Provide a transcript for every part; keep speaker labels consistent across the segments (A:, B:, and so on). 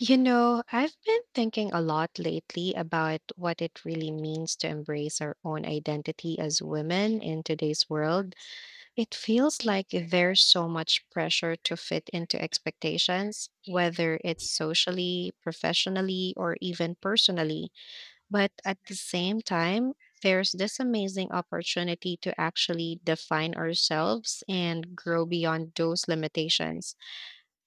A: You know, I've been thinking a lot lately about what it really means to embrace our own identity as women in today's world. It feels like there's so much pressure to fit into expectations, whether it's socially, professionally, or even personally. But at the same time, there's this amazing opportunity to actually define ourselves and grow beyond those limitations.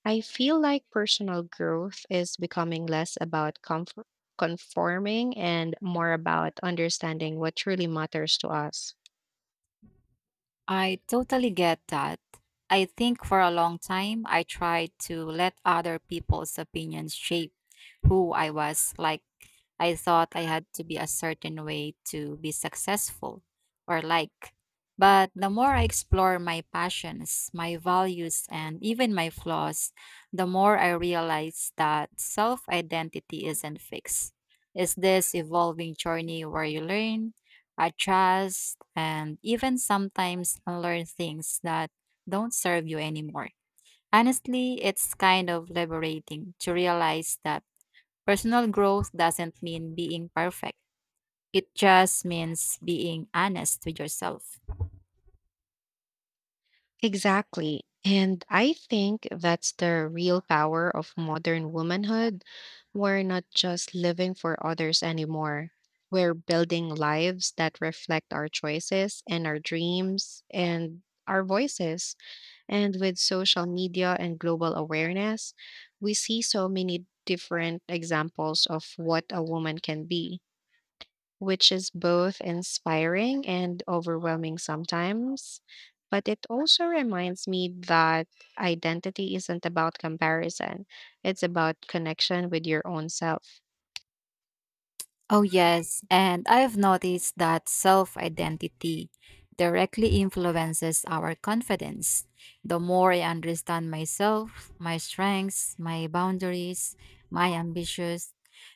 A: I feel like personal growth is becoming less about comfort, conforming and more about understanding what truly matters to us.
B: I totally get that. I think for a long time I tried to let other people's opinions shape who I was, like I thought I had to be a certain way to be successful or like. But the more I explore my passions, my values, and even my flaws, the more I realize that self identity isn't fixed. It's this evolving journey where you learn, adjust, and even sometimes unlearn things that don't serve you anymore. Honestly, it's kind of liberating to realize that personal growth doesn't mean being perfect. It just means being honest with yourself.
A: Exactly. And I think that's the real power of modern womanhood. We're not just living for others anymore. We're building lives that reflect our choices and our dreams and our voices. And with social media and global awareness, we see so many different examples of what a woman can be, which is both inspiring and overwhelming sometimes. But it also reminds me that identity isn't about comparison, it's about connection with your own self.
B: Oh, yes. And I've noticed that self identity directly influences our confidence. The more I understand myself, my strengths, my boundaries, my ambitions,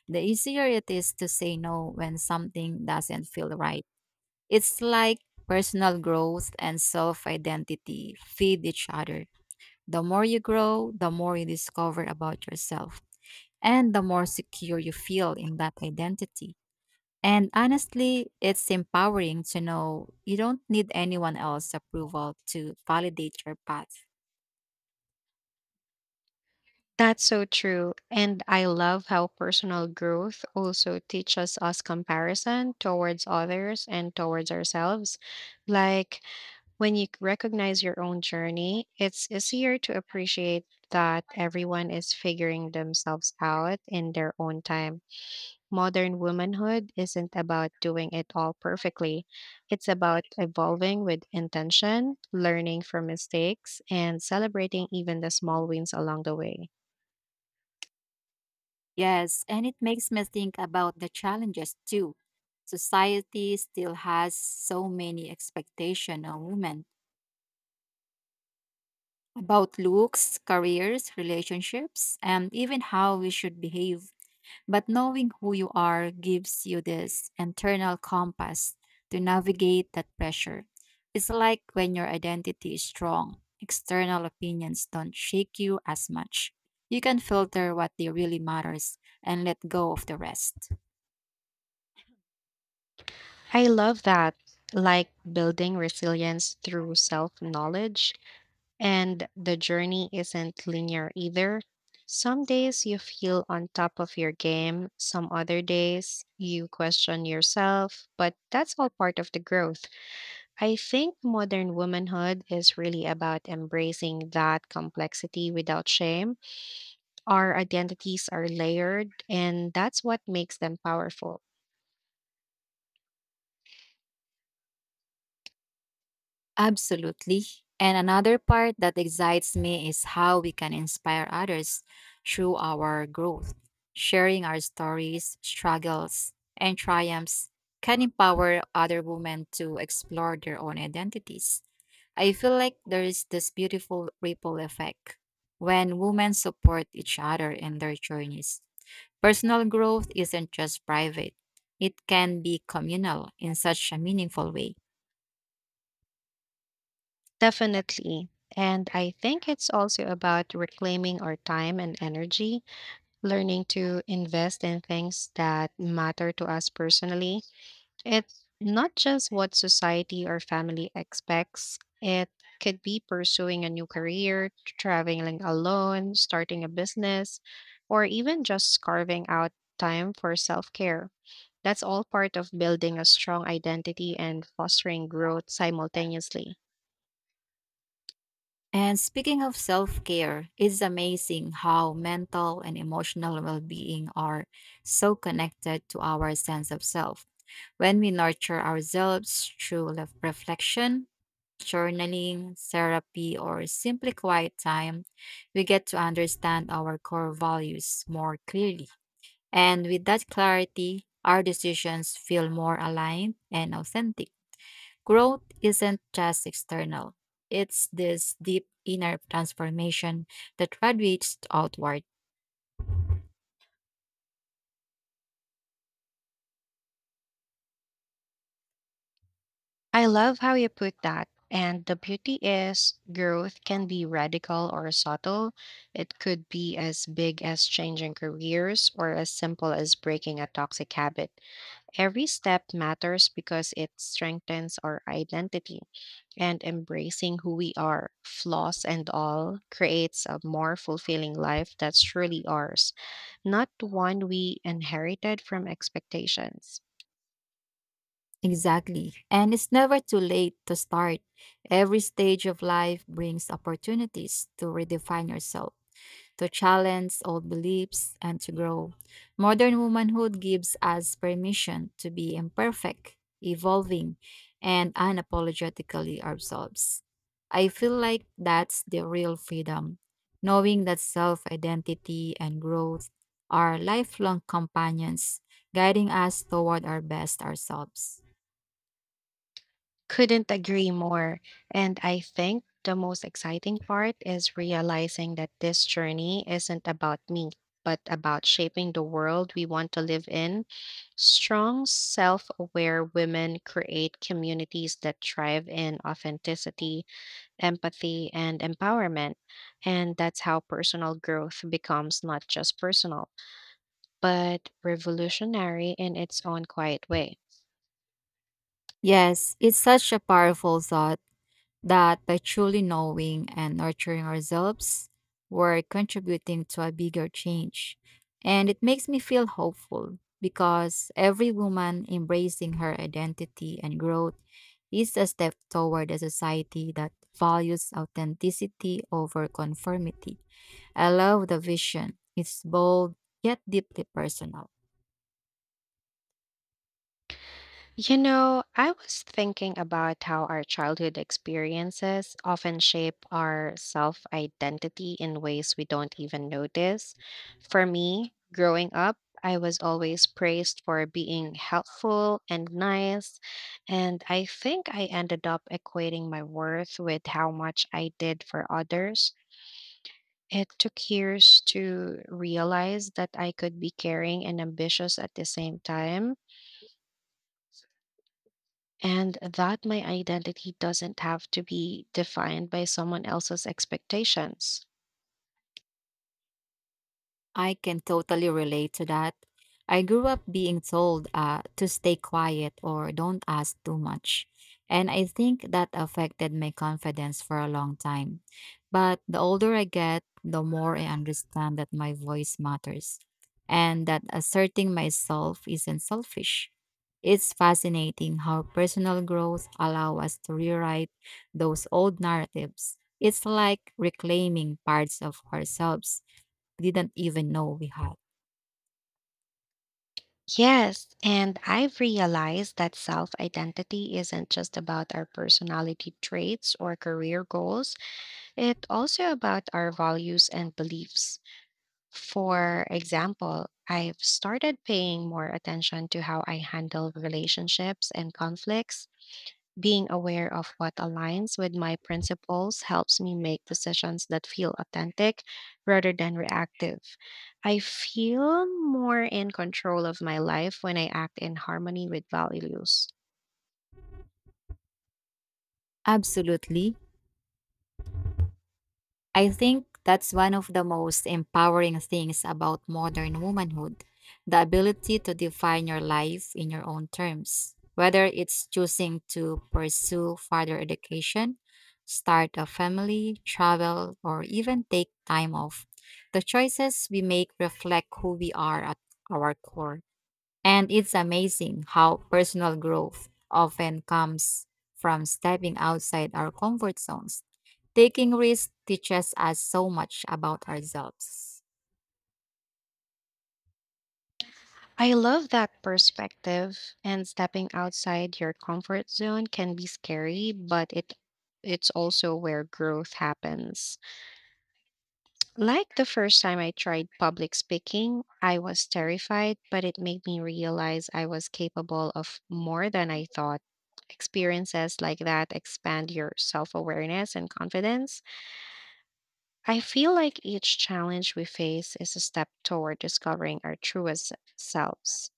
B: the easier it is to say no when something doesn't feel right. It's like personal growth and self identity feed each other. The more you grow, the more you discover about yourself, and the more secure you feel in that identity. And honestly, it's empowering to know you don't need anyone else's approval to validate your path.
A: That's so true. And I love how personal growth also teaches us comparison towards others and towards ourselves. Like, when you recognize your own journey, it's easier to appreciate that everyone is figuring themselves out in their own time. Modern womanhood isn't about doing it all perfectly, it's about evolving with intention, learning from mistakes, and celebrating even the small wins along the way.
B: Yes, and it makes me think about the challenges too. Society still has so many expectations on women about looks, careers, relationships, and even how we should behave. But knowing who you are gives you this internal compass to navigate that pressure. It's like when your identity is strong, external opinions don't shake you as much. You can filter what they really matters and let go of the rest.
A: I love that, like building resilience through self knowledge. And the journey isn't linear either. Some days you feel on top of your game, some other days you question yourself, but that's all part of the growth. I think modern womanhood is really about embracing that complexity without shame. Our identities are layered, and that's what makes them powerful.
B: Absolutely. And another part that excites me is how we can inspire others through our growth. Sharing our stories, struggles, and triumphs can empower other women to explore their own identities. I feel like there is this beautiful ripple effect when women support each other in their journeys. Personal growth isn't just private, it can be communal in such a meaningful way.
A: Definitely. And I think it's also about reclaiming our time and energy learning to invest in things that matter to us personally. It's not just what society or family expects, it could be pursuing a new career, traveling alone, starting a business, or even just carving out time for self care. That's all part of building a strong identity and fostering growth simultaneously.
B: And speaking of self care, it's amazing how mental and emotional well being are so connected to our sense of self. When we nurture ourselves through reflection, journaling, therapy, or simply quiet time, we get to understand our core values more clearly. And with that clarity, our decisions feel more aligned and authentic. Growth isn't just external, it's this deep inner transformation that radiates outward.
A: I love how you put that. And the beauty is, growth can be radical or subtle. It could be as big as changing careers or as simple as breaking a toxic habit. Every step matters because it strengthens our identity. And embracing who we are, flaws and all, creates a more fulfilling life that's truly ours, not one we inherited from expectations.
B: Exactly. And it's never too late to start. Every stage of life brings opportunities to redefine yourself, to challenge old beliefs and to grow. Modern womanhood gives us permission to be imperfect, evolving, and unapologetically ourselves. I feel like that's the real freedom, knowing that self identity and growth are lifelong companions guiding us toward our best ourselves.
A: Couldn't agree more. And I think the most exciting part is realizing that this journey isn't about me, but about shaping the world we want to live in. Strong, self aware women create communities that thrive in authenticity, empathy, and empowerment. And that's how personal growth becomes not just personal, but revolutionary in its own quiet way.
B: Yes, it's such a powerful thought that by truly knowing and nurturing ourselves, we're contributing to a bigger change. And it makes me feel hopeful because every woman embracing her identity and growth is a step toward a society that values authenticity over conformity. I love the vision, it's bold yet deeply personal.
A: You know, I was thinking about how our childhood experiences often shape our self identity in ways we don't even notice. For me, growing up, I was always praised for being helpful and nice, and I think I ended up equating my worth with how much I did for others. It took years to realize that I could be caring and ambitious at the same time, and that my identity doesn't have to be defined by someone else's expectations.
B: I can totally relate to that. I grew up being told to stay quiet or don't ask too much. And I think that affected my confidence for a long time. But the older I get, the more I understand that my voice matters and that asserting myself isn't selfish. It's fascinating how personal growth allows us to rewrite those old narratives. It's like reclaiming parts of ourselves didn't even know we had.
A: Yes, and I've realized that self identity isn't just about our personality traits or career goals, it's also about our values and beliefs. For example, I've started paying more attention to how I handle relationships and conflicts. Being aware of what aligns with my principles helps me make decisions that feel authentic rather than reactive. I feel more in control of my life when I act in harmony with values.
B: Absolutely. I think that's one of the most empowering things about modern womanhood, the ability to define your life in your own terms, whether it's choosing to pursue further education, start a family, travel, or even take time off. The choices we make reflect who we are at our core. And it's amazing how personal growth often comes from stepping outside our comfort zones. Taking risks teaches us so much about ourselves.
A: I love that perspective, and stepping outside your comfort zone can be scary, but it's also where growth happens. Like the first time I tried public speaking, I was terrified, but it made me realize I was capable of more than I thought. Experiences like that expand your self awareness and confidence. I feel like each challenge we face is a step toward discovering our truest selves.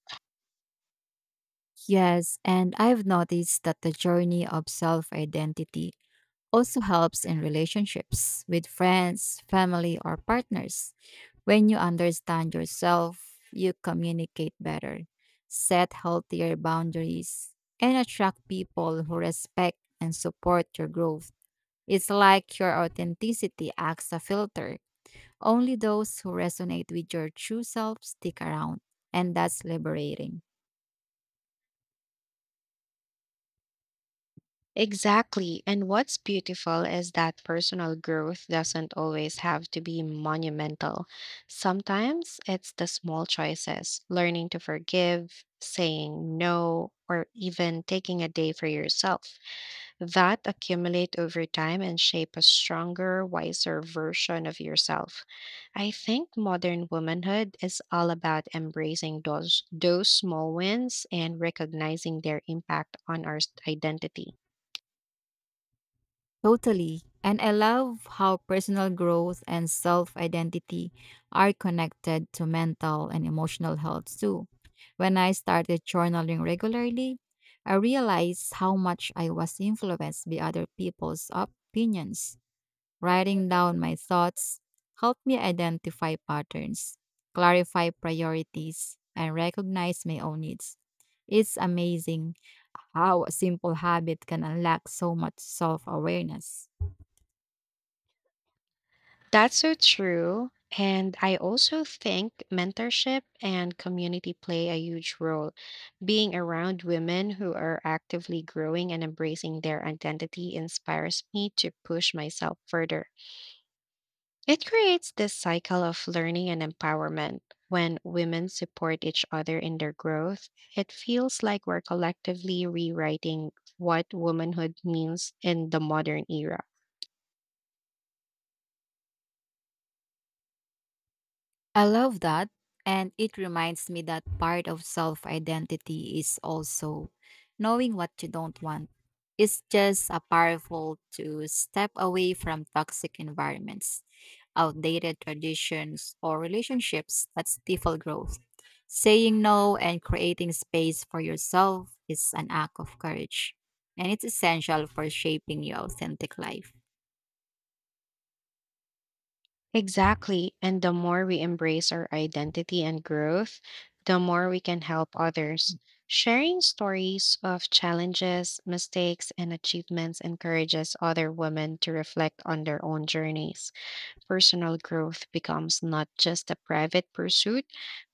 B: Yes, and I've noticed that the journey of self identity also helps in relationships with friends, family, or partners. When you understand yourself, you communicate better, set healthier boundaries, and attract people who respect and support your growth. It's like your authenticity acts a filter. Only those who resonate with your true self stick around, and that's liberating.
A: Exactly. And what's beautiful is that personal growth doesn't always have to be monumental. Sometimes it's the small choices, learning to forgive, saying no, or even taking a day for yourself that accumulate over time and shape a stronger, wiser version of yourself. I think modern womanhood is all about embracing those small wins and recognizing their impact on our identity.
B: Totally. And I love how personal growth and self identity are connected to mental and emotional health too. When I started journaling regularly, I realized how much I was influenced by other people's opinions. Writing down my thoughts helped me identify patterns, clarify priorities, and recognize my own needs. It's amazing how a simple habit can unlock so much self awareness.
A: That's so true. And I also think mentorship and community play a huge role. Being around women who are actively growing and embracing their identity inspires me to push myself further. It creates this cycle of learning and empowerment. When women support each other in their growth, it feels like we're collectively rewriting what womanhood means in the modern era.
B: I love that. And it reminds me that part of self identity is also knowing what you don't want. It's just a powerful to step away from toxic environments, outdated traditions, or relationships that stifle growth. Saying no and creating space for yourself is an act of courage, and it's essential for shaping your authentic life.
A: Exactly. And the more we embrace our identity and growth, the more we can help others. Sharing stories of challenges, mistakes, and achievements encourages other women to reflect on their own journeys. Personal growth becomes not just a private pursuit,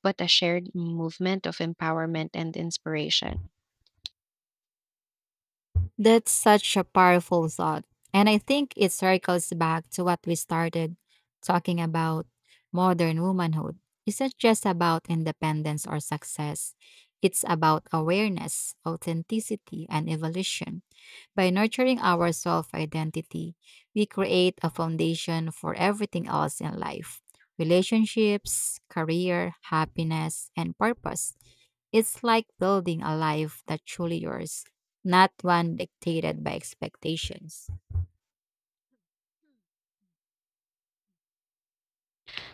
A: but a shared movement of empowerment and inspiration.
B: That's such a powerful thought. And I think it circles back to what we started talking about, modern womanhood. Isn't just about independence or success, it's about awareness, authenticity, and evolution. By nurturing our self identity, we create a foundation for everything else in life: relationships, career, happiness, and purpose. It's like building a life that's truly yours, not one dictated by expectations.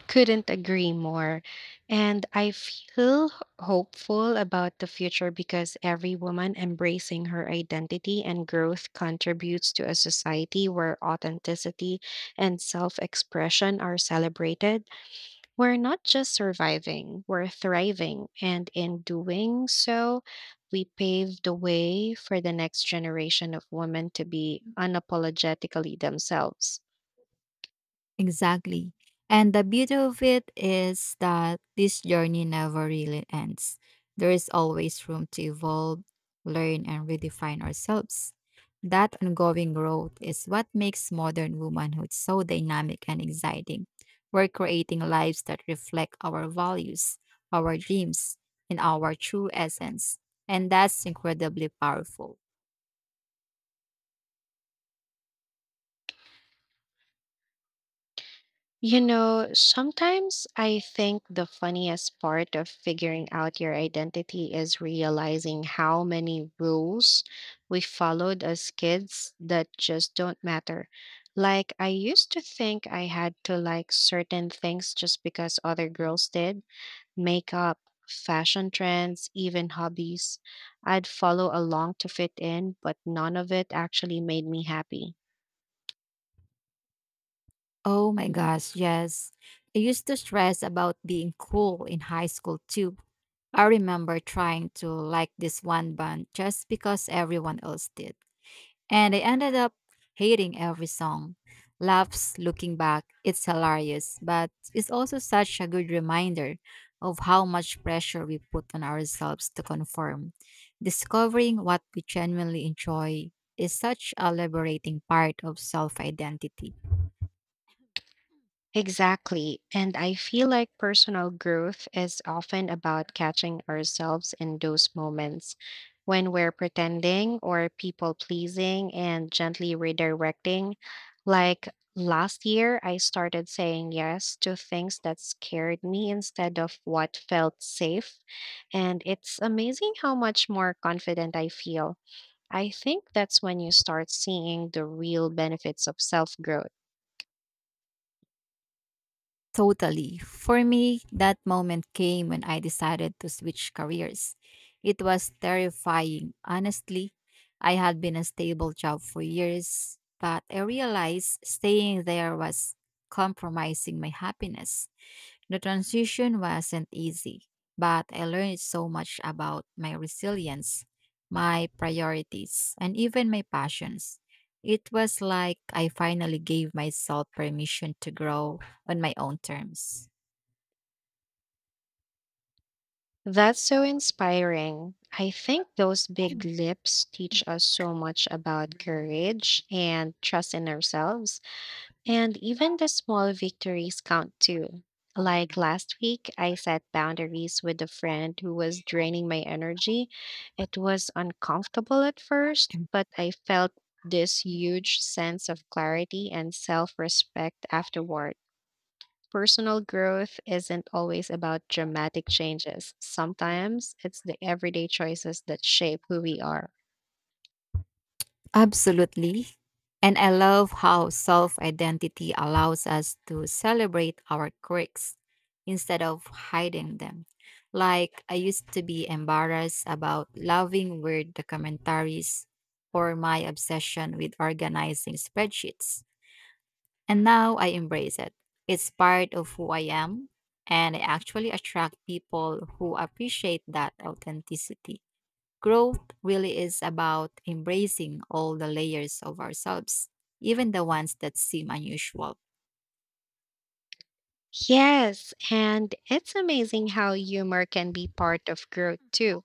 A: Couldn't agree more. And I feel hopeful about the future because every woman embracing her identity and growth contributes to a society where authenticity and self expression are celebrated. We're not just surviving, we're thriving. And in doing so, we pave the way for the next generation of women to be unapologetically themselves.
B: Exactly. And the beauty of it is that this journey never really ends. There is always room to evolve, learn, and redefine ourselves. That ongoing growth is what makes modern womanhood so dynamic and exciting. We're creating lives that reflect our values, our dreams, and our true essence. And that's incredibly powerful.
A: You know, sometimes I think the funniest part of figuring out your identity is realizing how many rules we followed as kids that just don't matter. Like, I used to think I had to like certain things just because other girls did: makeup, fashion trends, even hobbies. I'd follow along to fit in, but none of it actually made me happy.
B: Oh my gosh, yes. I used to stress about being cool in high school too. I remember trying to like this one band just because everyone else did. And I ended up hating every song. Laughs, looking back, it's hilarious, but it's also such a good reminder of how much pressure we put on ourselves to conform. Discovering what we genuinely enjoy is such a liberating part of self identity.
A: Exactly. And I feel like personal growth is often about catching ourselves in those moments when we're pretending or people pleasing and gently redirecting. Like, last year, I started saying yes to things that scared me instead of what felt safe. And it's amazing how much more confident I feel. I think that's when you start seeing the real benefits of self growth.
B: Totally. For me, that moment came when I decided to switch careers. It was terrifying. Honestly, I had been a stable job for years, but I realized staying there was compromising my happiness. The transition wasn't easy, but I learned so much about my resilience, my priorities, and even my passions. It was like I finally gave myself permission to grow on my own terms.
A: That's so inspiring. I think those big lips teach us so much about courage and trust in ourselves. And even the small victories count too. Like, last week, I set boundaries with a friend who was draining my energy. It was uncomfortable at first, but I felt this huge sense of clarity and self respect afterward. Personal growth isn't always about dramatic changes. Sometimes it's the everyday choices that shape who we are.
B: Absolutely. And I love how self identity allows us to celebrate our quirks instead of hiding them. Like, I used to be embarrassed about loving weird documentaries or my obsession with organizing spreadsheets. And now I embrace it. It's part of who I am, and I actually attract people who appreciate that authenticity. Growth really is about embracing all the layers of ourselves, even the ones that seem unusual.
A: Yes, and it's amazing how humor can be part of growth too.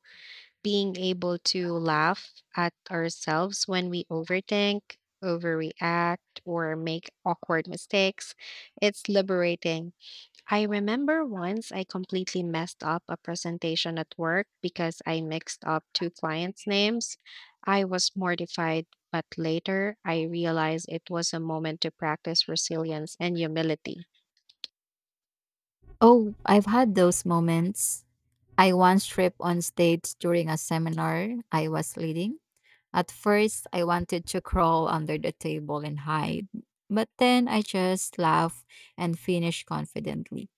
A: Being able to laugh at ourselves when we overthink, overreact, or make awkward mistakes, it's liberating. I remember once I completely messed up a presentation at work because I mixed up two clients' names. I was mortified, but later I realized it was a moment to practice resilience and humility.
B: Oh, I've had those moments. I once tripped on stage during a seminar I was leading. At first, I wanted to crawl under the table and hide, but then I just laughed and finished confidently.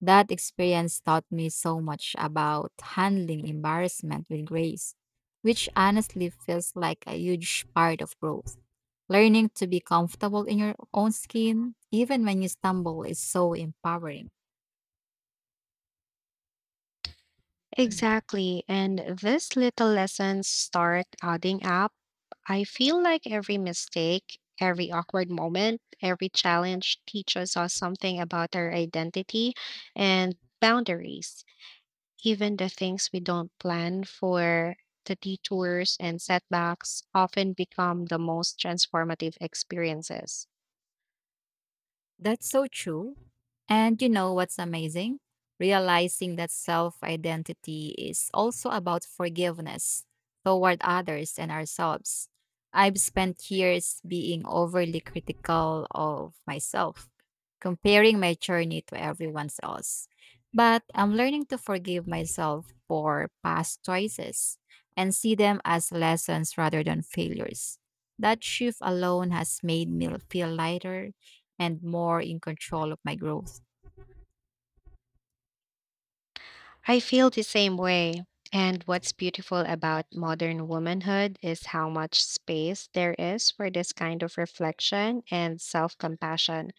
B: That experience taught me so much about handling embarrassment with grace, which honestly feels like a huge part of growth. Learning to be comfortable in your own skin, even when you stumble, is so empowering.
A: Exactly. And these little lessons start adding up. I feel like every mistake, every awkward moment, every challenge teaches us something about our identity and boundaries. Even the things we don't plan for, the detours and setbacks, often become the most transformative experiences.
B: That's so true. And you know what's amazing? Realizing that self identity is also about forgiveness toward others and ourselves. I've spent years being overly critical of myself, comparing my journey to everyone else. But I'm learning to forgive myself for past choices and see them as lessons rather than failures. That shift alone has made me feel lighter and more in control of my growth.
A: I feel the same way. And what's beautiful about modern womanhood is how much space there is for this kind of reflection and self compassion.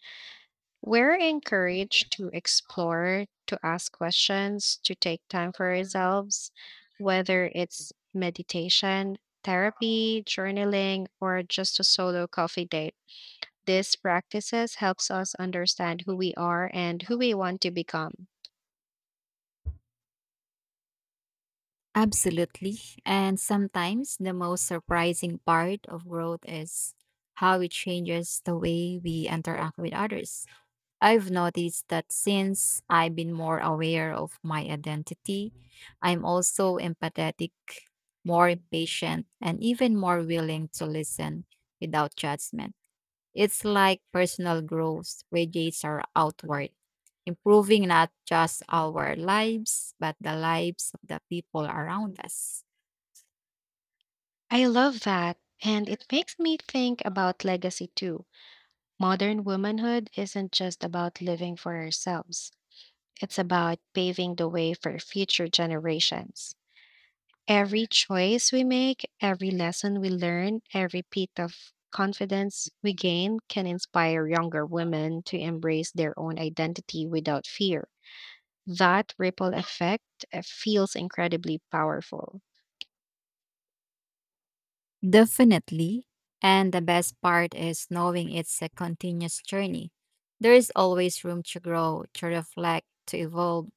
A: We're encouraged to explore, to ask questions, to take time for ourselves, whether it's meditation, therapy, journaling, or just a solo coffee date. These practices helps us understand who we are and who we want to become.
B: Absolutely. And sometimes the most surprising part of growth is how it changes the way we interact with others. I've noticed that since I've been more aware of my identity, I'm also empathetic, more patient, and even more willing to listen without judgment. It's like personal growth radiates our outward, improving not just our lives, but the lives of the people around us.
A: I love that, and it makes me think about legacy too. Modern womanhood isn't just about living for ourselves. It's about paving the way for future generations. Every choice we make, every lesson we learn, every bit of confidence we gain can inspire younger women to embrace their own identity without fear. That ripple effect feels incredibly powerful.
B: Definitely. And the best part is knowing it's a continuous journey. There is always room to grow, to reflect, to evolve,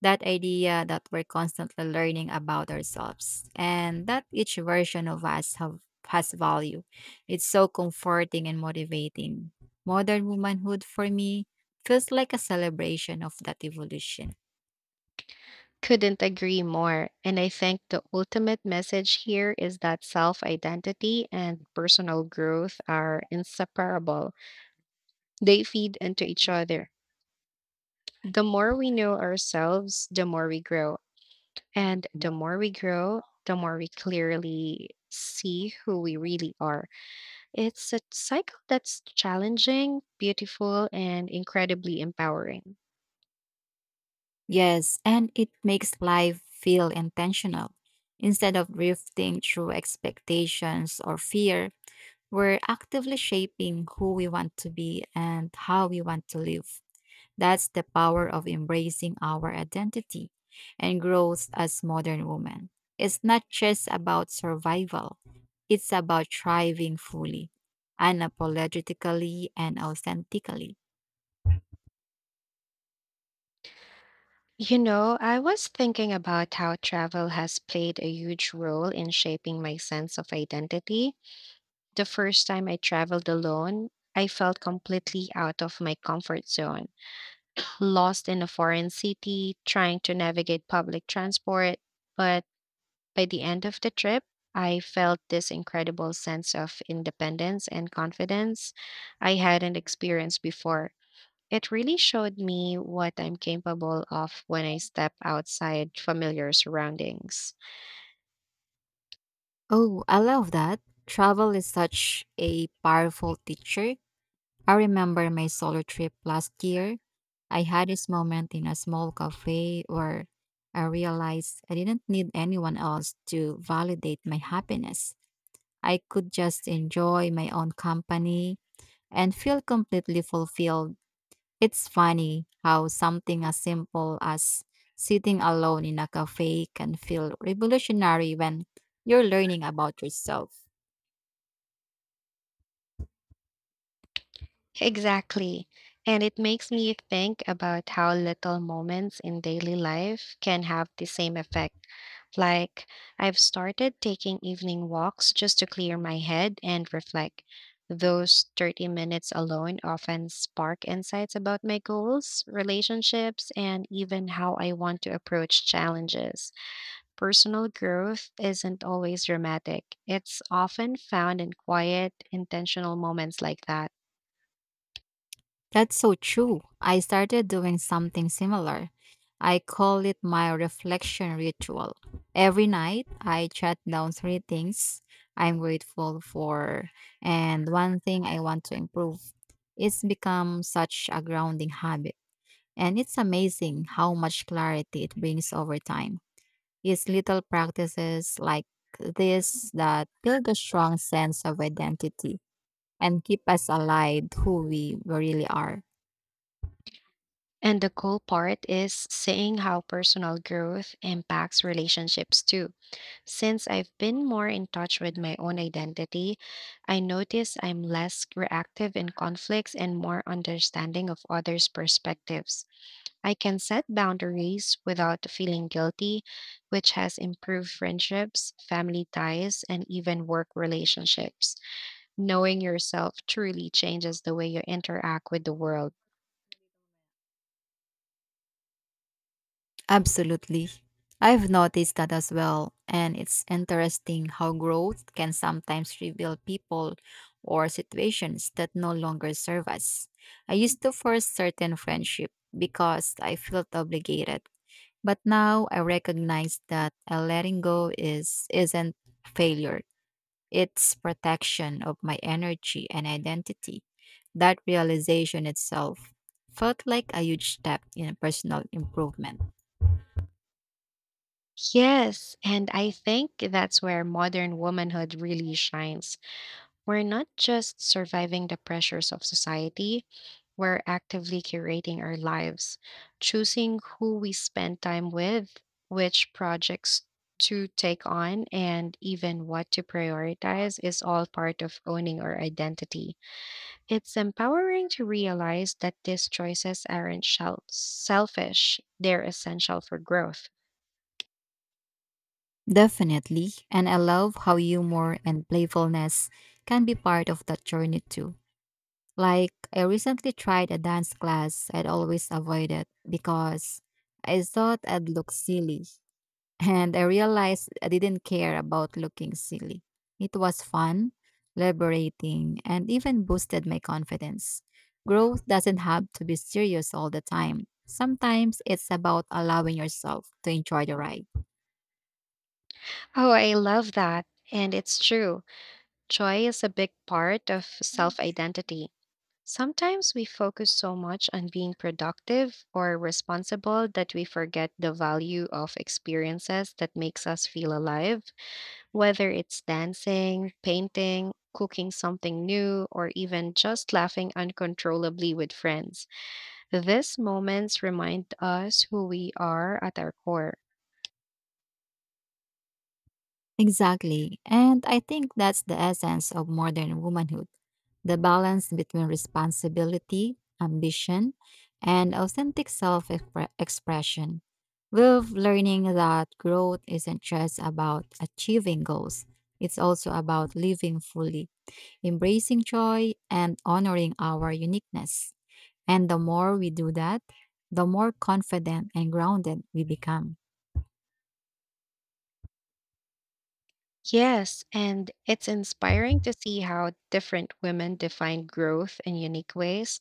B: that idea that we're constantly learning about ourselves and that each version of us have has value. It's so comforting and motivating. Modern womanhood for me feels like a celebration of that evolution.
A: Couldn't agree more. And I think the ultimate message here is that self identity and personal growth are inseparable, they feed into each other. The more we know ourselves, the more we grow. And the more we grow, the more we clearly see who we really are. It's a cycle that's challenging, beautiful, and incredibly empowering.
B: Yes, and it makes life feel intentional. Instead of drifting through expectations or fear, we're actively shaping who we want to be and how we want to live. That's the power of embracing our identity and growth as modern women. It's not just about survival, it's about thriving fully, unapologetically, and authentically.
A: You know, I was thinking about how travel has played a huge role in shaping my sense of identity. The first time I traveled alone, I felt completely out of my comfort zone, lost in a foreign city, trying to navigate public transport. But by the end of the trip, I felt this incredible sense of independence and confidence I hadn't experienced before. It really showed me what I'm capable of when I step outside familiar surroundings.
B: Oh, I love that. Travel is such a powerful teacher. I remember my solo trip last year. I had this moment in a small cafe where I realized I didn't need anyone else to validate my happiness. I could just enjoy my own company and feel completely fulfilled. It's funny how something as simple as sitting alone in a cafe can feel revolutionary when you're learning about yourself.
A: Exactly. And it makes me think about how little moments in daily life can have the same effect. Like, I've started taking evening walks just to clear my head and reflect. Those 30 minutes alone often spark insights about my goals, relationships, and even how I want to approach challenges. Personal growth isn't always dramatic; it's often found in quiet, intentional moments like that.
B: That's so true. I started doing something similar. I call it my reflection ritual. Every night, I jot down three things I'm grateful for and one thing I want to improve. It's become such a grounding habit, and it's amazing how much clarity it brings over time. It's little practices like this that build a strong sense of identity and keep us alive who we really are.
A: And the cool part is seeing how personal growth impacts relationships too. Since I've been more in touch with my own identity, I notice I'm less reactive in conflicts and more understanding of others' perspectives. I can set boundaries without feeling guilty, which has improved friendships, family ties, and even work relationships. Knowing yourself truly changes the way you interact with the world.
B: Absolutely. I've noticed that as well, and it's interesting how growth can sometimes reveal people or situations that no longer serve us. I used to force certain friendship because I felt obligated. But now I recognize that a letting go is isn't failure. It's protection of my energy and identity. That realization itself felt like a huge step in personal improvement.
A: Yes, and I think that's where modern womanhood really shines. We're not just surviving the pressures of society, we're actively curating our lives, choosing who we spend time with, which projects to take on, and even what to prioritize is all part of owning our identity. It's empowering to realize that these choices aren't selfish, they're essential for growth.
B: Definitely, and I love how humor and playfulness can be part of that journey too. Like, I recently tried a dance class I'd always avoided because I thought I'd look silly, and I realized I didn't care about looking silly. It was fun, liberating, and even boosted my confidence. Growth doesn't have to be serious all the time. Sometimes it's about allowing yourself to enjoy the ride.
A: Oh, I love that. And it's true. Joy is a big part of self identity. Sometimes we focus so much on being productive or responsible that we forget the value of experiences that makes us feel alive, whether it's dancing, painting, cooking something new, or even just laughing uncontrollably with friends. These moments remind us who we are at our core.
B: Exactly. And I think that's the essence of modern womanhood. The balance between responsibility, ambition, and authentic self expression, with learning that growth isn't just about achieving goals, it's also about living fully, embracing joy, and honoring our uniqueness. And the more we do that, the more confident and grounded we become.
A: Yes, and it's inspiring to see how different women define growth in unique ways.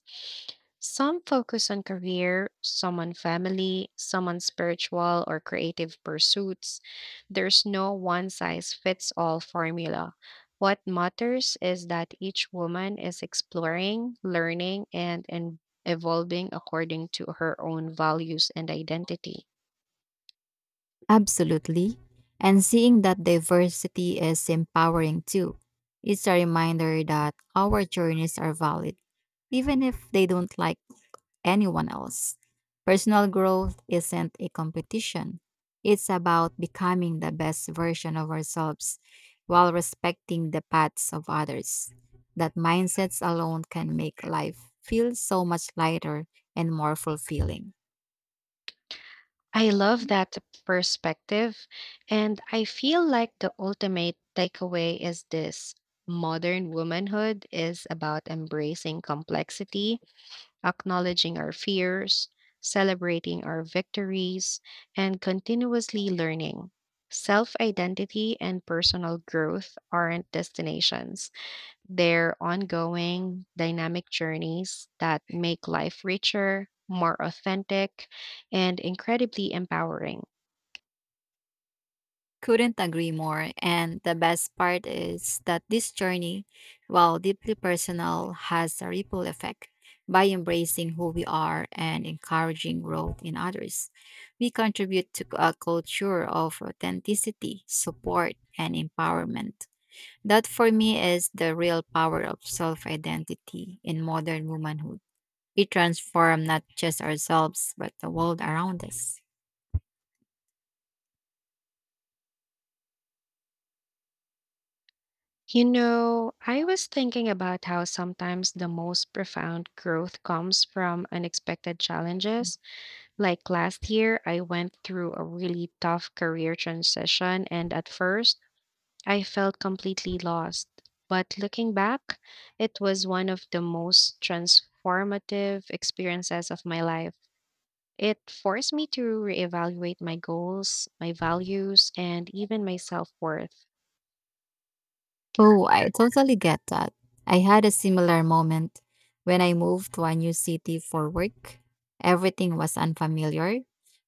A: Some focus on career, some on family, some on spiritual or creative pursuits. There's no one size fits all formula. What matters is that each woman is exploring, learning, and evolving according to her own values and identity.
B: Absolutely. And seeing that diversity is empowering too. It's a reminder that our journeys are valid, even if they don't like anyone else. Personal growth isn't a competition, it's about becoming the best version of ourselves while respecting the paths of others. That mindsets alone can make life feel so much lighter and more fulfilling.
A: I love that perspective. And I feel like the ultimate takeaway is this: modern womanhood is about embracing complexity, acknowledging our fears, celebrating our victories, and continuously learning. Self identity and personal growth aren't destinations, their ongoing dynamic journeys that make life richer, more authentic, and incredibly empowering.
B: Couldn't agree more. And the best part is that this journey, while deeply personal, has a ripple effect. By embracing who we are and encouraging growth in others, we contribute to a culture of authenticity, support, and empowerment. That, for me, is the real power of self identity in modern womanhood. We transform not just ourselves, but the world around us.
A: You know, I was thinking about how sometimes the most profound growth comes from unexpected challenges. Like last year, I went through a really tough career transition, and at first, I felt completely lost. But looking back, it was one of the most transformative experiences of my life. It forced me to reevaluate my goals, my values, and even my self worth.
B: Oh, I totally get that. I had a similar moment when I moved to a new city for work. Everything was unfamiliar: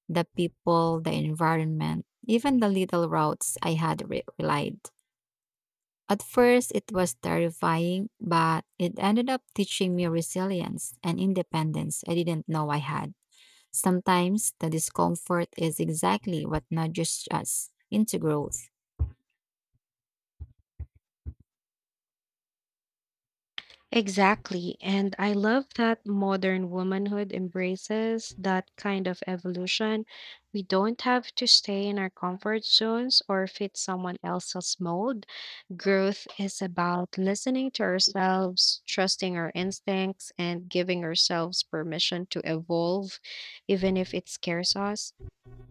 B: the people, the environment, even the little routes I had relied. At first, it was terrifying, but it ended up teaching me resilience and independence I didn't know I had. Sometimes the discomfort is exactly what nudges us into growth.
A: Exactly. And I love that modern womanhood embraces that kind of evolution. We don't have to stay in our comfort zones or fit someone else's mold. Growth is about listening to ourselves, trusting our instincts, and giving ourselves permission to evolve, even if it scares us.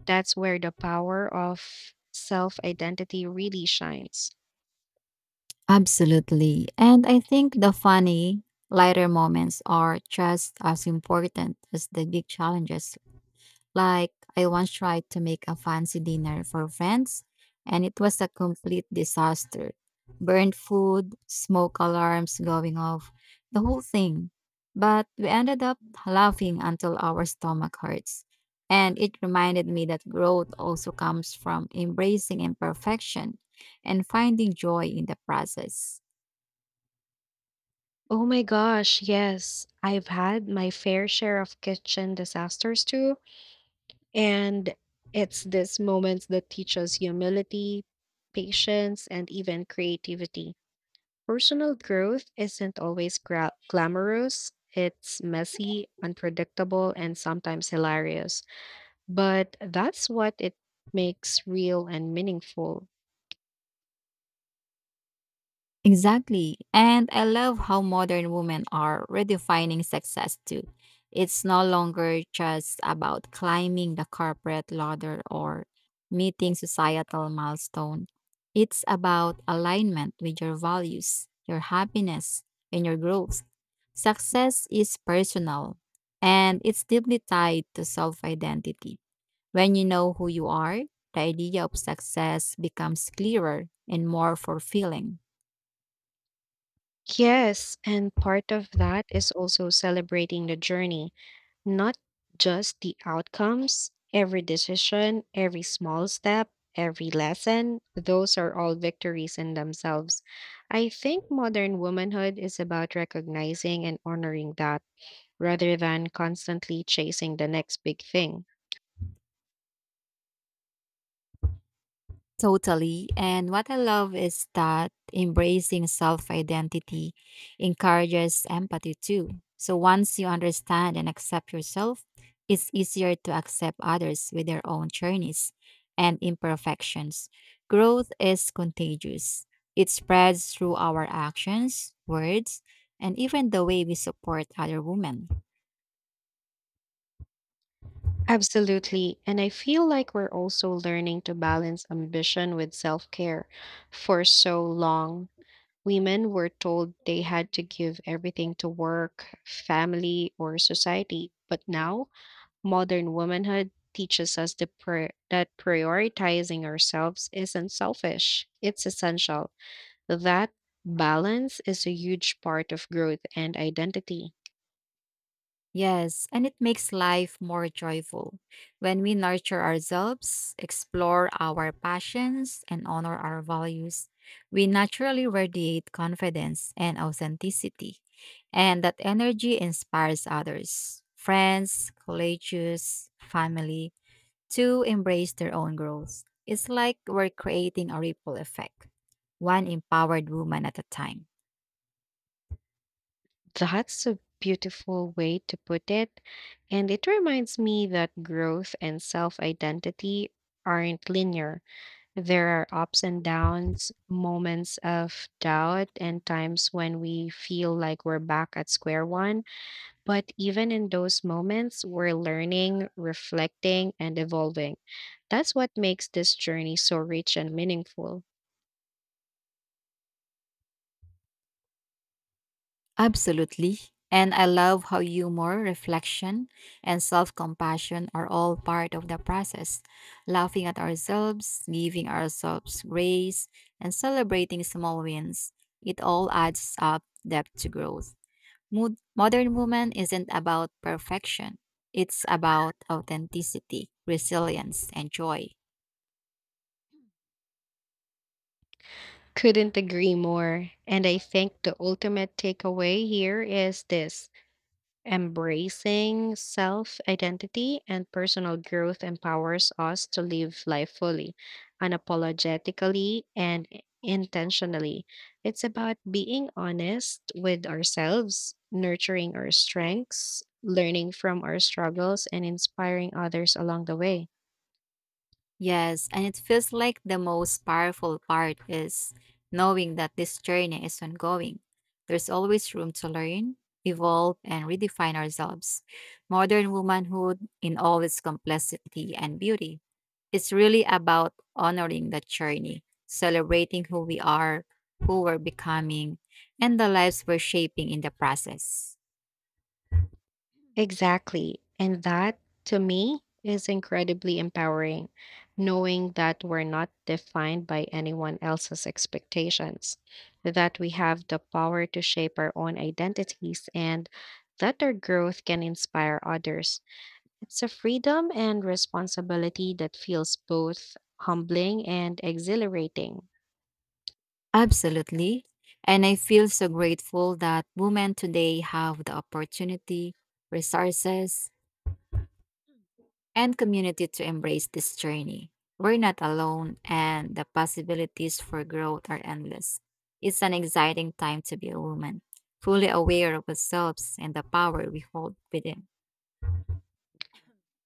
A: That's where the power of self identity really shines.
B: Absolutely. And I think the funny, lighter moments are just as important as the big challenges. Like, I once tried to make a fancy dinner for friends, and it was a complete disaster. Burned food, smoke alarms going off, the whole thing. But we ended up laughing until our stomach hurts. And it reminded me that growth also comes from embracing imperfection and finding joy in the process.
A: Oh my gosh, yes. I've had my fair share of kitchen disasters too. And it's these moments that teach us humility, patience, and even creativity. Personal growth isn't always glamorous, it's messy, unpredictable, and sometimes hilarious. But that's what it makes real and meaningful.
B: Exactly. And I love how modern women are redefining success too. It's no longer just about climbing the corporate ladder or meeting societal milestone. It's about alignment with your values, your happiness, and your growth. Success is personal, and it's deeply tied to self identity. When you know who you are, the idea of success becomes clearer and more fulfilling.
A: Yes, and part of that is also celebrating the journey, not just the outcomes. Every decision, every small step, every lesson, those are all victories in themselves. I think modern womanhood is about recognizing and honoring that rather than constantly chasing the next big thing.
B: Totally. And what I love is that embracing self identity encourages empathy too. So once you understand and accept yourself, it's easier to accept others with their own journeys and imperfections. Growth is contagious, it spreads through our actions, words, and even the way we support other women.
A: Absolutely. And I feel like we're also learning to balance ambition with self care. For so long, women were told they had to give everything to work, family, or society. But now, modern womanhood teaches us the that prioritizing ourselves isn't selfish, it's essential. That balance is a huge part of growth and identity.
B: Yes, and it makes life more joyful when we nurture ourselves, explore our passions, and honor our values. We naturally radiate confidence and authenticity, and that energy inspires others, friends, colleagues, family, to embrace their own growth. It's like we're creating a ripple effect, one empowered woman at a time.
A: That's a beautiful way to put it. And it reminds me that growth and self identity aren't linear. There are ups and downs, moments of doubt, and times when we feel like we're back at square one. But even in those moments, we're learning, reflecting, and evolving. That's what makes this journey so rich and meaningful.
B: Absolutely. And I love how humor, reflection, and self compassion are all part of the process. Laughing at ourselves, giving ourselves grace, and celebrating small wins. It all adds up depth to growth. Modern woman isn't about perfection, it's about authenticity, resilience, and joy.
A: Couldn't agree more. And I think the ultimate takeaway here is this: embracing self identity and personal growth empowers us to live life fully, unapologetically, and intentionally. It's about being honest with ourselves, nurturing our strengths, learning from our struggles, and inspiring others along the way.
B: Yes, and it feels like the most powerful part is knowing that this journey is ongoing. There's always room to learn, evolve, and redefine ourselves. Modern womanhood in all its complexity and beauty. It's really about honoring that journey, celebrating who we are, who we're becoming, and the lives we're shaping in the process.
A: Exactly. And that, to me, is incredibly empowering, knowing that we're not defined by anyone else's expectations, that we have the power to shape our own identities, and that our growth can inspire others. It's a freedom and responsibility that feels both humbling and exhilarating.
B: Absolutely. And I feel so grateful that women today have the opportunity, resources, and community to embrace this journey. We're not alone, and the possibilities for growth are endless. It's an exciting time to be a woman, fully aware of ourselves and the power we hold within.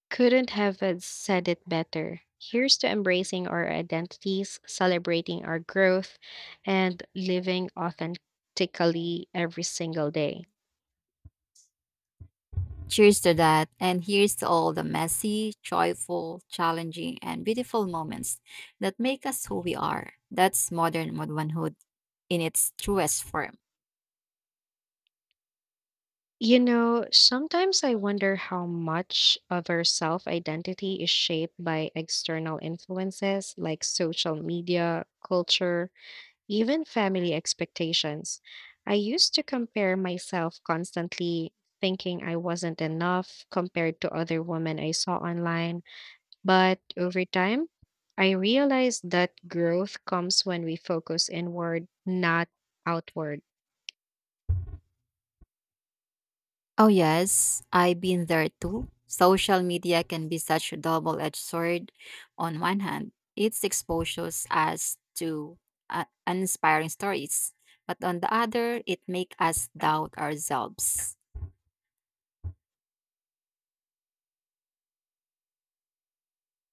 A: Couldn't have said it better. Here's to embracing our identities, celebrating our growth, and living authentically every single day.
B: Cheers to that, and here's to all the messy, joyful, challenging, and beautiful moments that make us who we are. That's modern womanhood in its truest form.
A: You know, sometimes I wonder how much of our self identity is shaped by external influences like social media, culture, even family expectations. I used to compare myself constantly, thinking I wasn't enough compared to other women I saw online. But over time, I realized that growth comes when we focus inward, not outward.
B: Oh, yes, I've been there too. Social media can be such a double edged sword. On one hand, it exposes us to uninspiring stories, but on the other, it makes us doubt ourselves.